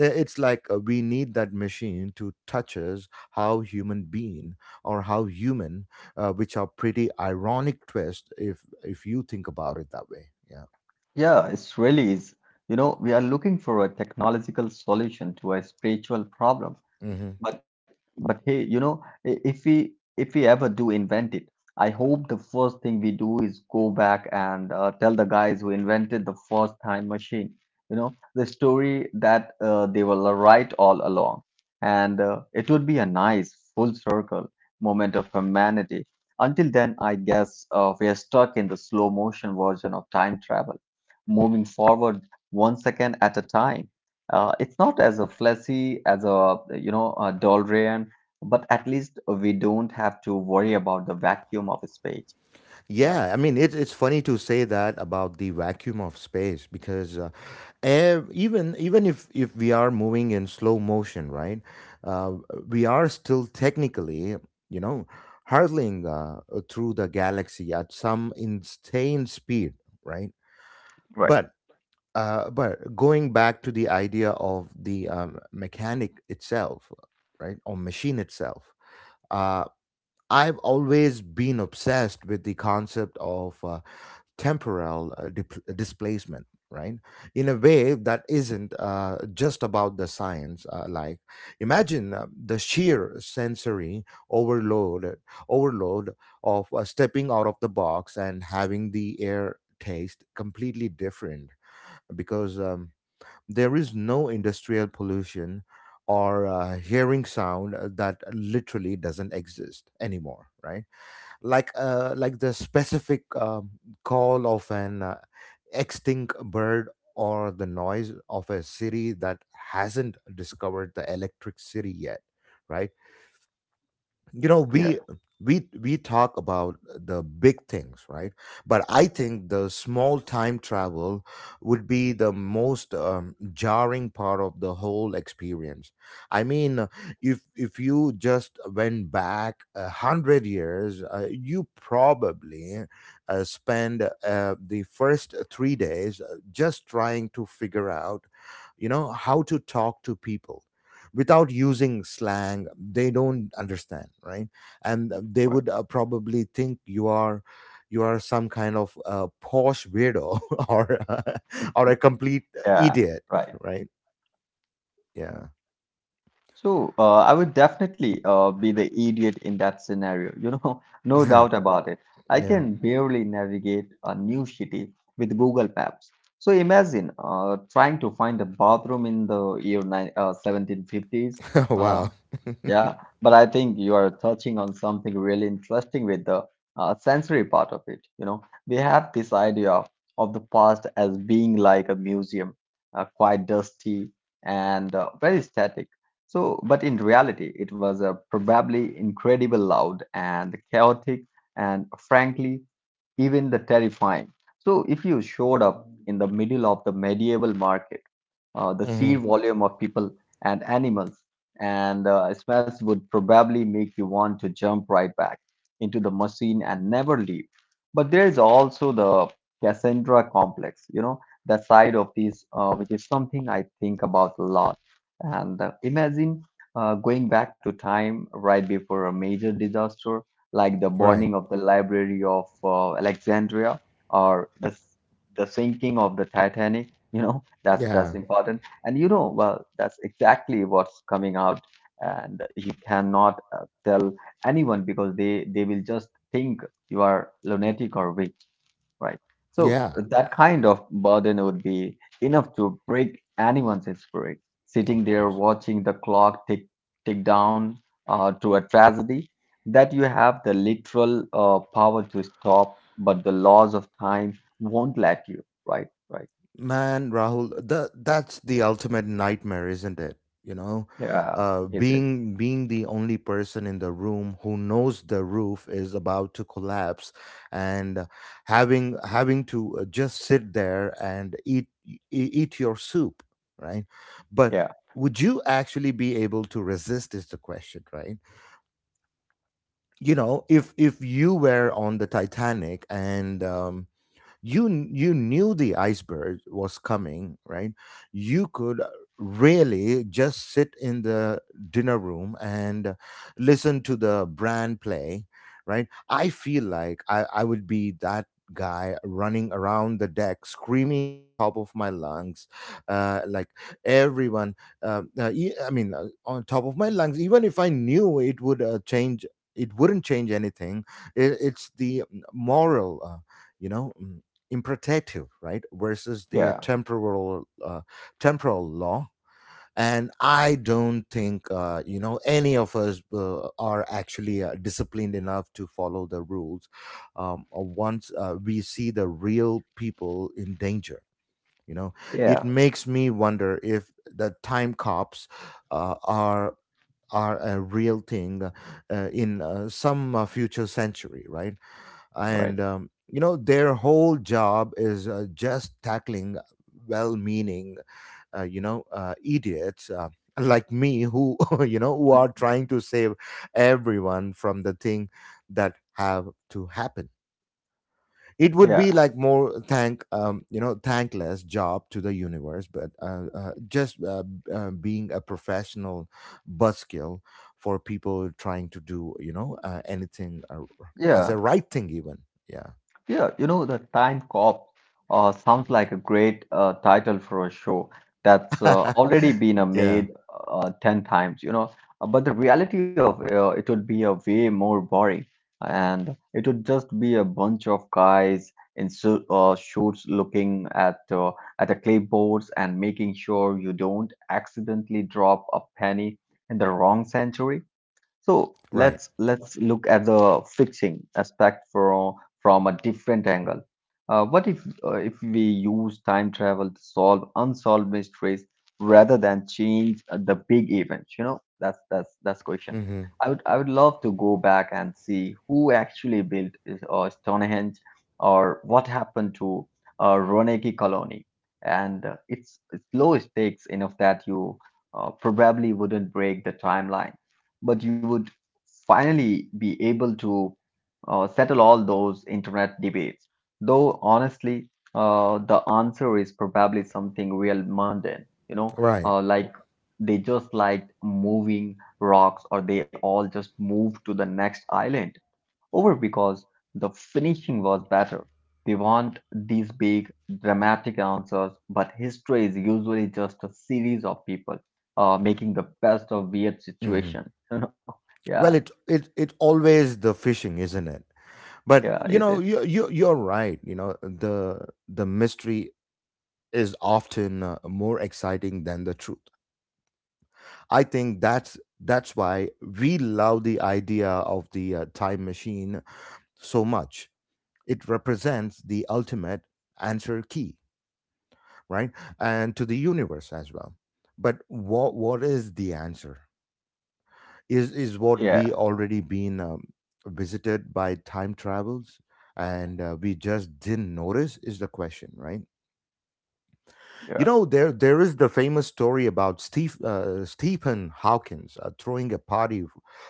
Speaker 1: It's like we need that machine to touch us how human being, or how human, which are pretty ironic twist, if you think about it that way. Yeah.
Speaker 2: Yeah, it really is. You know, we are looking for a technological solution to a spiritual problem.
Speaker 1: Hmm.
Speaker 2: But but hey, you know, if we ever do invent it, I hope the first thing we do is go back and tell the guys who invented the first time machine, you know, the story that they were right all along, and it would be a nice full circle moment of humanity. Until then, I guess we are stuck in the slow motion version of time travel, moving forward one second at a time. It's not as a fleshy as a you know a Dolrian, but at least we don't have to worry about the vacuum of space. Yeah.
Speaker 1: Yeah, I mean, it, it's funny to say that about the vacuum of space, because even if we are moving in slow motion, right, uh, we are still technically, you know, hurtling through the galaxy at some insane speed, right?
Speaker 2: Right.
Speaker 1: But but going back to the idea of the mechanic itself, right, or machine itself, uh, I've always been obsessed with the concept of. Temporal displacement, right, in a way that isn't just about the science, like imagine the sheer sensory overload overload of stepping out of the box and having the air taste completely different, because there is no industrial pollution, or hearing sound that literally doesn't exist anymore, right? Like like the specific call of an extinct bird, or the noise of a city that hasn't discovered the electric city yet, right? You know,
Speaker 2: Yeah.
Speaker 1: we talk about the big things, right? But I think the small time travel would be the most jarring part of the whole experience. I mean, if you just went back a hundred years, you probably spend the first 3 days just trying to figure out, you know, how to talk to people without using slang they don't understand, right? And they
Speaker 2: Right.
Speaker 1: would probably think you are, you are some kind of posh weirdo or or a complete
Speaker 2: Yeah,
Speaker 1: idiot,
Speaker 2: right.
Speaker 1: right? Yeah.
Speaker 2: So I would definitely be the idiot in that scenario, you know, no doubt about it. I
Speaker 1: Yeah.
Speaker 2: can barely navigate a new city with Google Maps. So imagine trying to find a bathroom in the year 1750s.
Speaker 1: Wow.
Speaker 2: Yeah, but I think you are touching on something really interesting with the sensory part of it. You know, we have this idea of the past as being like a museum, quite dusty and very static. So, but in reality, it was probably incredibly loud and chaotic and frankly, even the terrifying. So, if you showed up in the middle of the medieval market, the
Speaker 1: Hmm.
Speaker 2: sheer volume of people and animals and smells would probably make you want to jump right back into the machine and never leave. But there is also the Cassandra complex, you know, the side of this, which is something I think about a lot. And imagine going back to time right before a major disaster like the
Speaker 1: Right.
Speaker 2: burning of the Library of Alexandria or the sinking of the Titanic. You know, that's
Speaker 1: Yeah.
Speaker 2: important. And you know, well, that's exactly what's coming out. And you cannot tell anyone because they will just think you are lunatic or weak. Right. So
Speaker 1: Yeah,
Speaker 2: that kind of burden would be enough to break anyone's spirit.
Speaker 1: of
Speaker 2: Sitting there
Speaker 1: course.
Speaker 2: watching the clock tick down to a tragedy that you have the literal power to stop, but the laws of time won't let you. Right. Right.
Speaker 1: Man, Rahul, the, that's the ultimate nightmare, isn't it? You know,
Speaker 2: Yeah. Is it?
Speaker 1: being, being the only person in the room who knows the roof is about to collapse, and having, having to just sit there and eat eat your soup, right? But
Speaker 2: Yeah.
Speaker 1: would you actually be able to resist? Is the question, right? You know, if you were on the Titanic, and you you knew the iceberg was coming, right? You could really just sit in the dinner room and listen to the brand play, right? I feel like I would be that guy running around the deck screaming on the top of my lungs, like everyone, I mean, on top of my lungs, even if I knew it would change it wouldn't change anything. It, it's the moral, you know mm, imperatitive, right, versus the
Speaker 2: Yeah.
Speaker 1: temporal, temporal law. And I don't think any of us are actually disciplined enough to follow the rules, once we see the real people in danger. You know, it
Speaker 2: Yeah.
Speaker 1: makes me wonder if the time cops uh, are are a real thing in some future century, right?
Speaker 2: Right.
Speaker 1: And their whole job is just tackling well-meaning, idiots, like me, who you know, who are trying to save everyone from the thing that have to happen. It would be
Speaker 2: Yeah.
Speaker 1: like more thank, thankless job to the universe, but just being a professional buzzkill for people trying to do, you know, anything as
Speaker 2: Yeah.
Speaker 1: a right thing even. Yeah.
Speaker 2: Yeah, you know, the Time Cop sounds like a great title for a show that's already been
Speaker 1: Yeah.
Speaker 2: made 10 times, you know. But the reality of it would be a way more boring, and it would just be a bunch of guys in suits looking at the clipboards and making sure you don't accidentally drop a penny in the wrong century. So let's
Speaker 1: Right.
Speaker 2: let's look at the fixing aspect for from a different angle. What if we use time travel to solve unsolved mysteries rather than change the big events? You know, that's that's question.
Speaker 1: Hmm.
Speaker 2: I would love to go back and see who actually built Stonehenge or what happened to Roneki Colony. And it's low stakes enough that you probably wouldn't break the timeline, but you would finally be able to settle all those internet debates. Though honestly, the answer is probably something real mundane, you know,
Speaker 1: Right.
Speaker 2: like they just liked moving rocks or they all just moved to the next island over because the finishing was better. We want these big dramatic answers, but history is usually just a series of people making the best of weird
Speaker 1: Hmm.
Speaker 2: situation. You know? Yeah,
Speaker 1: Well, it always the fishing, isn't it? But
Speaker 2: yeah,
Speaker 1: you
Speaker 2: is
Speaker 1: know,
Speaker 2: it?
Speaker 1: you you're right. You know, the mystery is often more exciting than the truth. I think that's why we love the idea of the time machine so much. It represents the ultimate answer key, right? And to the universe as well. But what is the answer? Is what
Speaker 2: Yeah,
Speaker 1: we already been visited by time travels and we just didn't notice is the question, right? You
Speaker 2: yeah.
Speaker 1: know, there is the famous story about steve Stephen Hawkins throwing a party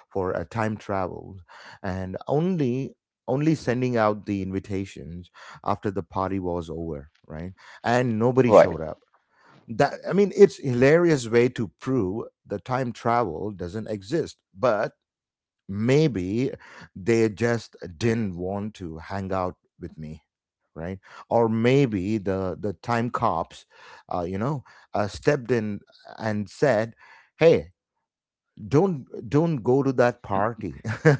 Speaker 1: for a time travel, and only sending out the invitations after the party was over, right? And nobody
Speaker 2: Right.
Speaker 1: showed up. That I mean, it's hilarious way to prove the time travel doesn't exist, but maybe they just didn't want to hang out with me, right? Or maybe the time cops, uh, you know stepped in and said, hey, don't go to that party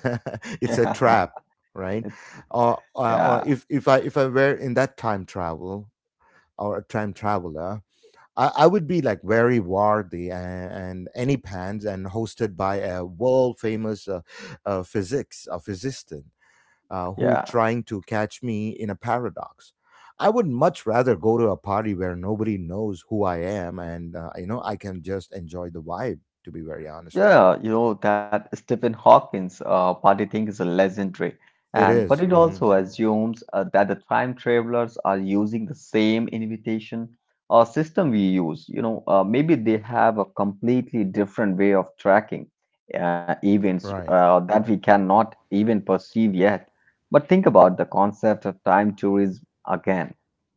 Speaker 1: it's a
Speaker 2: Yeah,
Speaker 1: trap, right?
Speaker 2: it's
Speaker 1: or uh,
Speaker 2: yeah,
Speaker 1: or or if I were in that time travel, or a time traveler, I would be like very worthy and any pants and hosted by a world famous, physics a physicist, who
Speaker 2: yeah,
Speaker 1: trying to catch me in a paradox. I would much rather go to a party where nobody knows who I am, and you know, I can just enjoy the vibe. To be very honest with you,
Speaker 2: yeah. You know that Stephen Hawking's party thing is a legendary,
Speaker 1: it
Speaker 2: and but
Speaker 1: is.
Speaker 2: it
Speaker 1: Mm-hmm.
Speaker 2: also assumes that the time travelers are using the same invitation or system we use. You know, maybe they have a completely different way of tracking events
Speaker 1: Right.
Speaker 2: that we cannot even perceive yet. But think about the concept of time tourism again.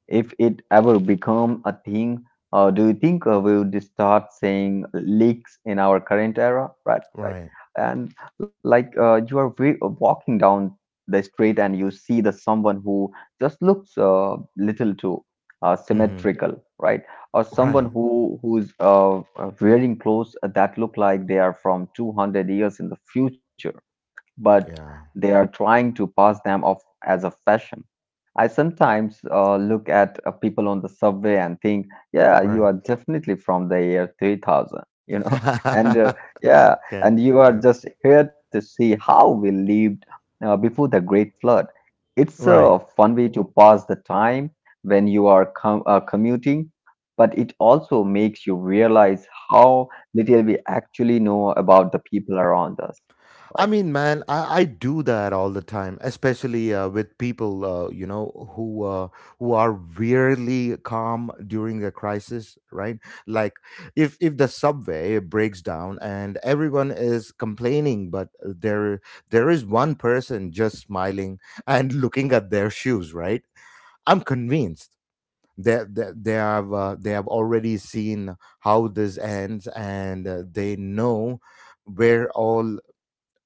Speaker 2: If it ever become a thing do you think we would start seeing leaks in our current era? Right, right.
Speaker 1: Right.
Speaker 2: And like you are walking down the street and you see the someone who just looks little too
Speaker 1: Hmm.
Speaker 2: symmetrical, right? Or someone
Speaker 1: Right.
Speaker 2: who's wearing clothes that look like they are from 200 years in the future, but
Speaker 1: Yeah.
Speaker 2: they are trying to pass them off as a fashion. I sometimes look at people on the subway and think, yeah, you
Speaker 1: Right.
Speaker 2: are definitely from the year 3000, you know, and yeah,
Speaker 1: Okay.
Speaker 2: and you are
Speaker 1: Yeah.
Speaker 2: just here to see how we lived before the Great Flood. It's
Speaker 1: Right.
Speaker 2: a fun way to pass the time when you are commuting, but it also makes you realize how little we actually know about the people around us, right?
Speaker 1: I mean, man, I do that all the time, especially with people, who are weirdly calm during a crisis, right? Like, if the subway breaks down and everyone is complaining, but there is one person just smiling and looking at their shoes, right? I'm convinced that they have already seen how this ends, and they know where all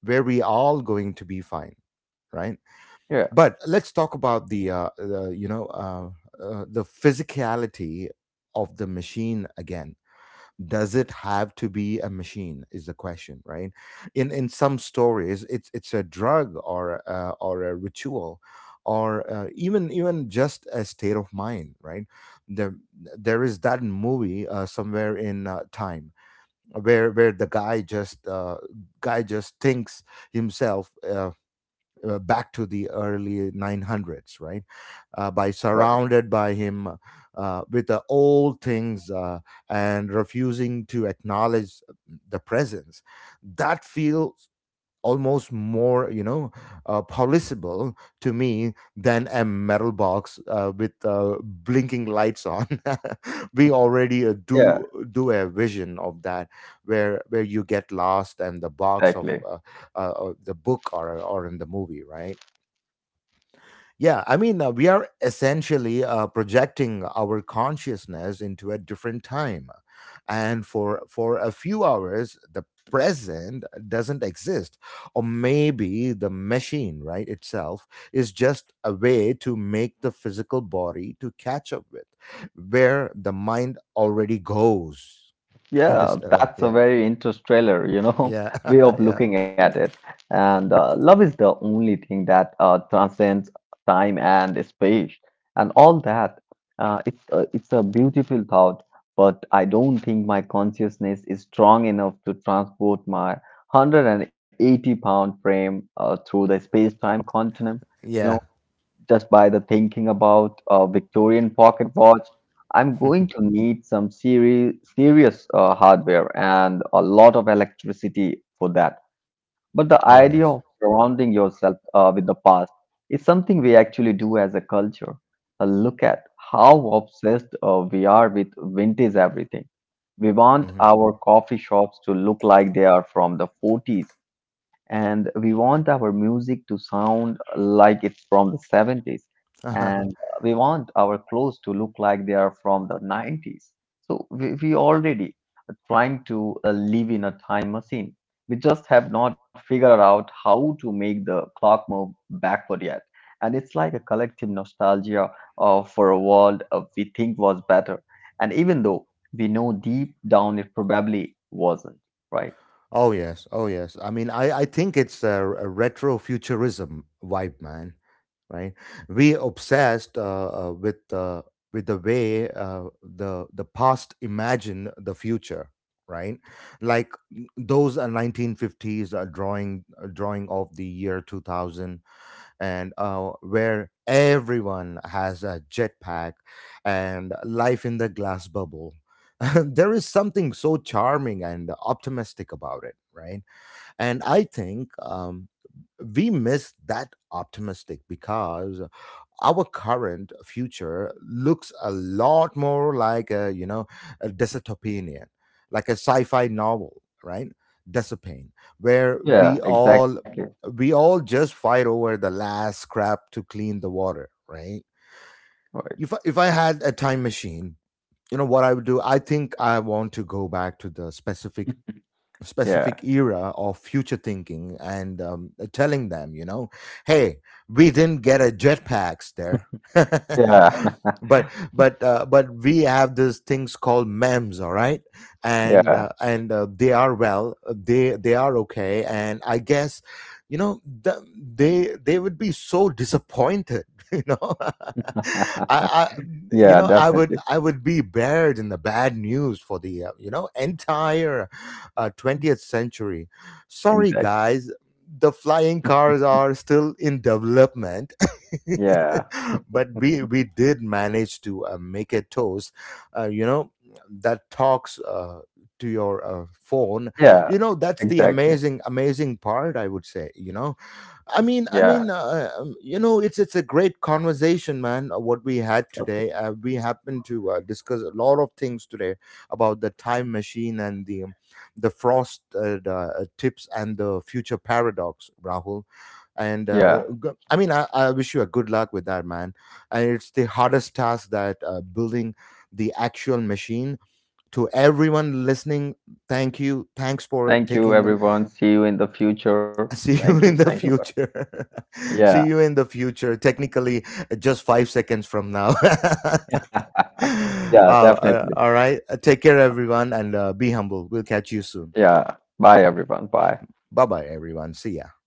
Speaker 1: where we all going to be fine, right.
Speaker 2: Yeah,
Speaker 1: But let's talk about the you know the physicality of the machine again. Does it have to be a machine is the question, right? In some stories, it's a drug, or a ritual, or even just a state of mind, right? There there is that movie somewhere in time, where the guy just thinks himself back to the early 900s, right? By
Speaker 2: right.
Speaker 1: surrounded by him with the old things, and refusing to acknowledge the presence, that feels almost more, you know, policeable to me than a metal box with blinking lights on. We already
Speaker 2: Yeah,
Speaker 1: do a vision of that, where you get lost and the box of
Speaker 2: exactly.
Speaker 1: the book, or in the movie, right? Yeah, I mean, we are essentially projecting our consciousness into a different time. And for a few hours, the present doesn't exist. Or maybe the machine, right, itself is just a way to make the physical body to catch up with where the mind already goes.
Speaker 2: Yeah,
Speaker 1: Interstellar.
Speaker 2: that's a
Speaker 1: Yeah.
Speaker 2: very interstellar, you know,
Speaker 1: Yeah.
Speaker 2: way of
Speaker 1: Yeah.
Speaker 2: looking at it. And love is the only thing that transcends time and space and all that. It's a beautiful thought, but I don't think my consciousness is strong enough to transport my 180 pound frame through the space-time continuum
Speaker 1: Yeah.
Speaker 2: just by the thinking about a Victorian pocket watch. I'm going to need some serious hardware and a lot of electricity for that. But the idea
Speaker 1: Oh,
Speaker 2: of
Speaker 1: yes.
Speaker 2: surrounding yourself with the past is something we actually do as a culture. Look at how obsessed we are with vintage everything. We want
Speaker 1: Hmm.
Speaker 2: our coffee shops to look like they are from the 40s, and we want our music to sound like it's from the 70s, and we want our clothes to look like they are from the 90s. So we already are trying to live in a time machine. We just have not figured out how to make the clock move backward yet. And it's like a collective nostalgia for a world we think was better, and even though we know deep down it probably wasn't, right?
Speaker 1: Oh yes, oh yes. I mean, I think it's a retro futurism vibe, man. Right? We obsessed with the way, the past imagined the future, right? Like those 1950s, drawing of the year 2000, and where everyone has a jetpack and life in the glass bubble. There is something so charming and optimistic about it, right? And I think we miss that optimistic, because our current future looks a lot more like a, you know, a dystopian, like a sci-fi novel, right? Dystopian, where
Speaker 2: Yeah,
Speaker 1: we all
Speaker 2: exactly.
Speaker 1: just fight over the last scrap to clean the water, right? If I, had a time machine, you know what I would do? I think I want to go back to the
Speaker 2: Yeah.
Speaker 1: specific era of future thinking, and telling them, you know, hey, we didn't get a jetpacks there.
Speaker 2: Yeah.
Speaker 1: But we have these things called memes, all right, and
Speaker 2: Yeah.
Speaker 1: they are, well, they are okay, and I guess, you know, they would be so disappointed, you know, I,
Speaker 2: Yeah,
Speaker 1: I would
Speaker 2: definitely.
Speaker 1: I would be buried in the bad news for the, entire 20th century. Sorry,
Speaker 2: Exactly.
Speaker 1: guys, the flying cars are still in development,
Speaker 2: Yeah.
Speaker 1: but we did manage to make a toast. You know, that talks. To your phone,
Speaker 2: Yeah.
Speaker 1: you know, that's the
Speaker 2: Exactly.
Speaker 1: amazing part, I would say, you know. I mean,
Speaker 2: Yeah.
Speaker 1: you know, it's a great conversation, man. What we had
Speaker 2: Okay.
Speaker 1: today, we happened to discuss a lot of things today about the time machine and the frost tips and the future paradox, Rahul, and
Speaker 2: Yeah.
Speaker 1: I mean, I wish you a good luck with that, man. And it's the hardest task, that building the actual machine. To everyone listening, thank you, thanks for
Speaker 2: Thank you,
Speaker 1: taking.
Speaker 2: everyone. See you in the future.
Speaker 1: See
Speaker 2: Thank you.
Speaker 1: you in
Speaker 2: Thank
Speaker 1: the
Speaker 2: you.
Speaker 1: future.
Speaker 2: Yeah.
Speaker 1: See you in the future, technically, just 5 seconds from now.
Speaker 2: Yeah, definitely.
Speaker 1: All right, take care, everyone, and be humble, we'll catch you soon.
Speaker 2: Yeah. Bye, everyone. Bye.
Speaker 1: Bye, bye, everyone, see ya.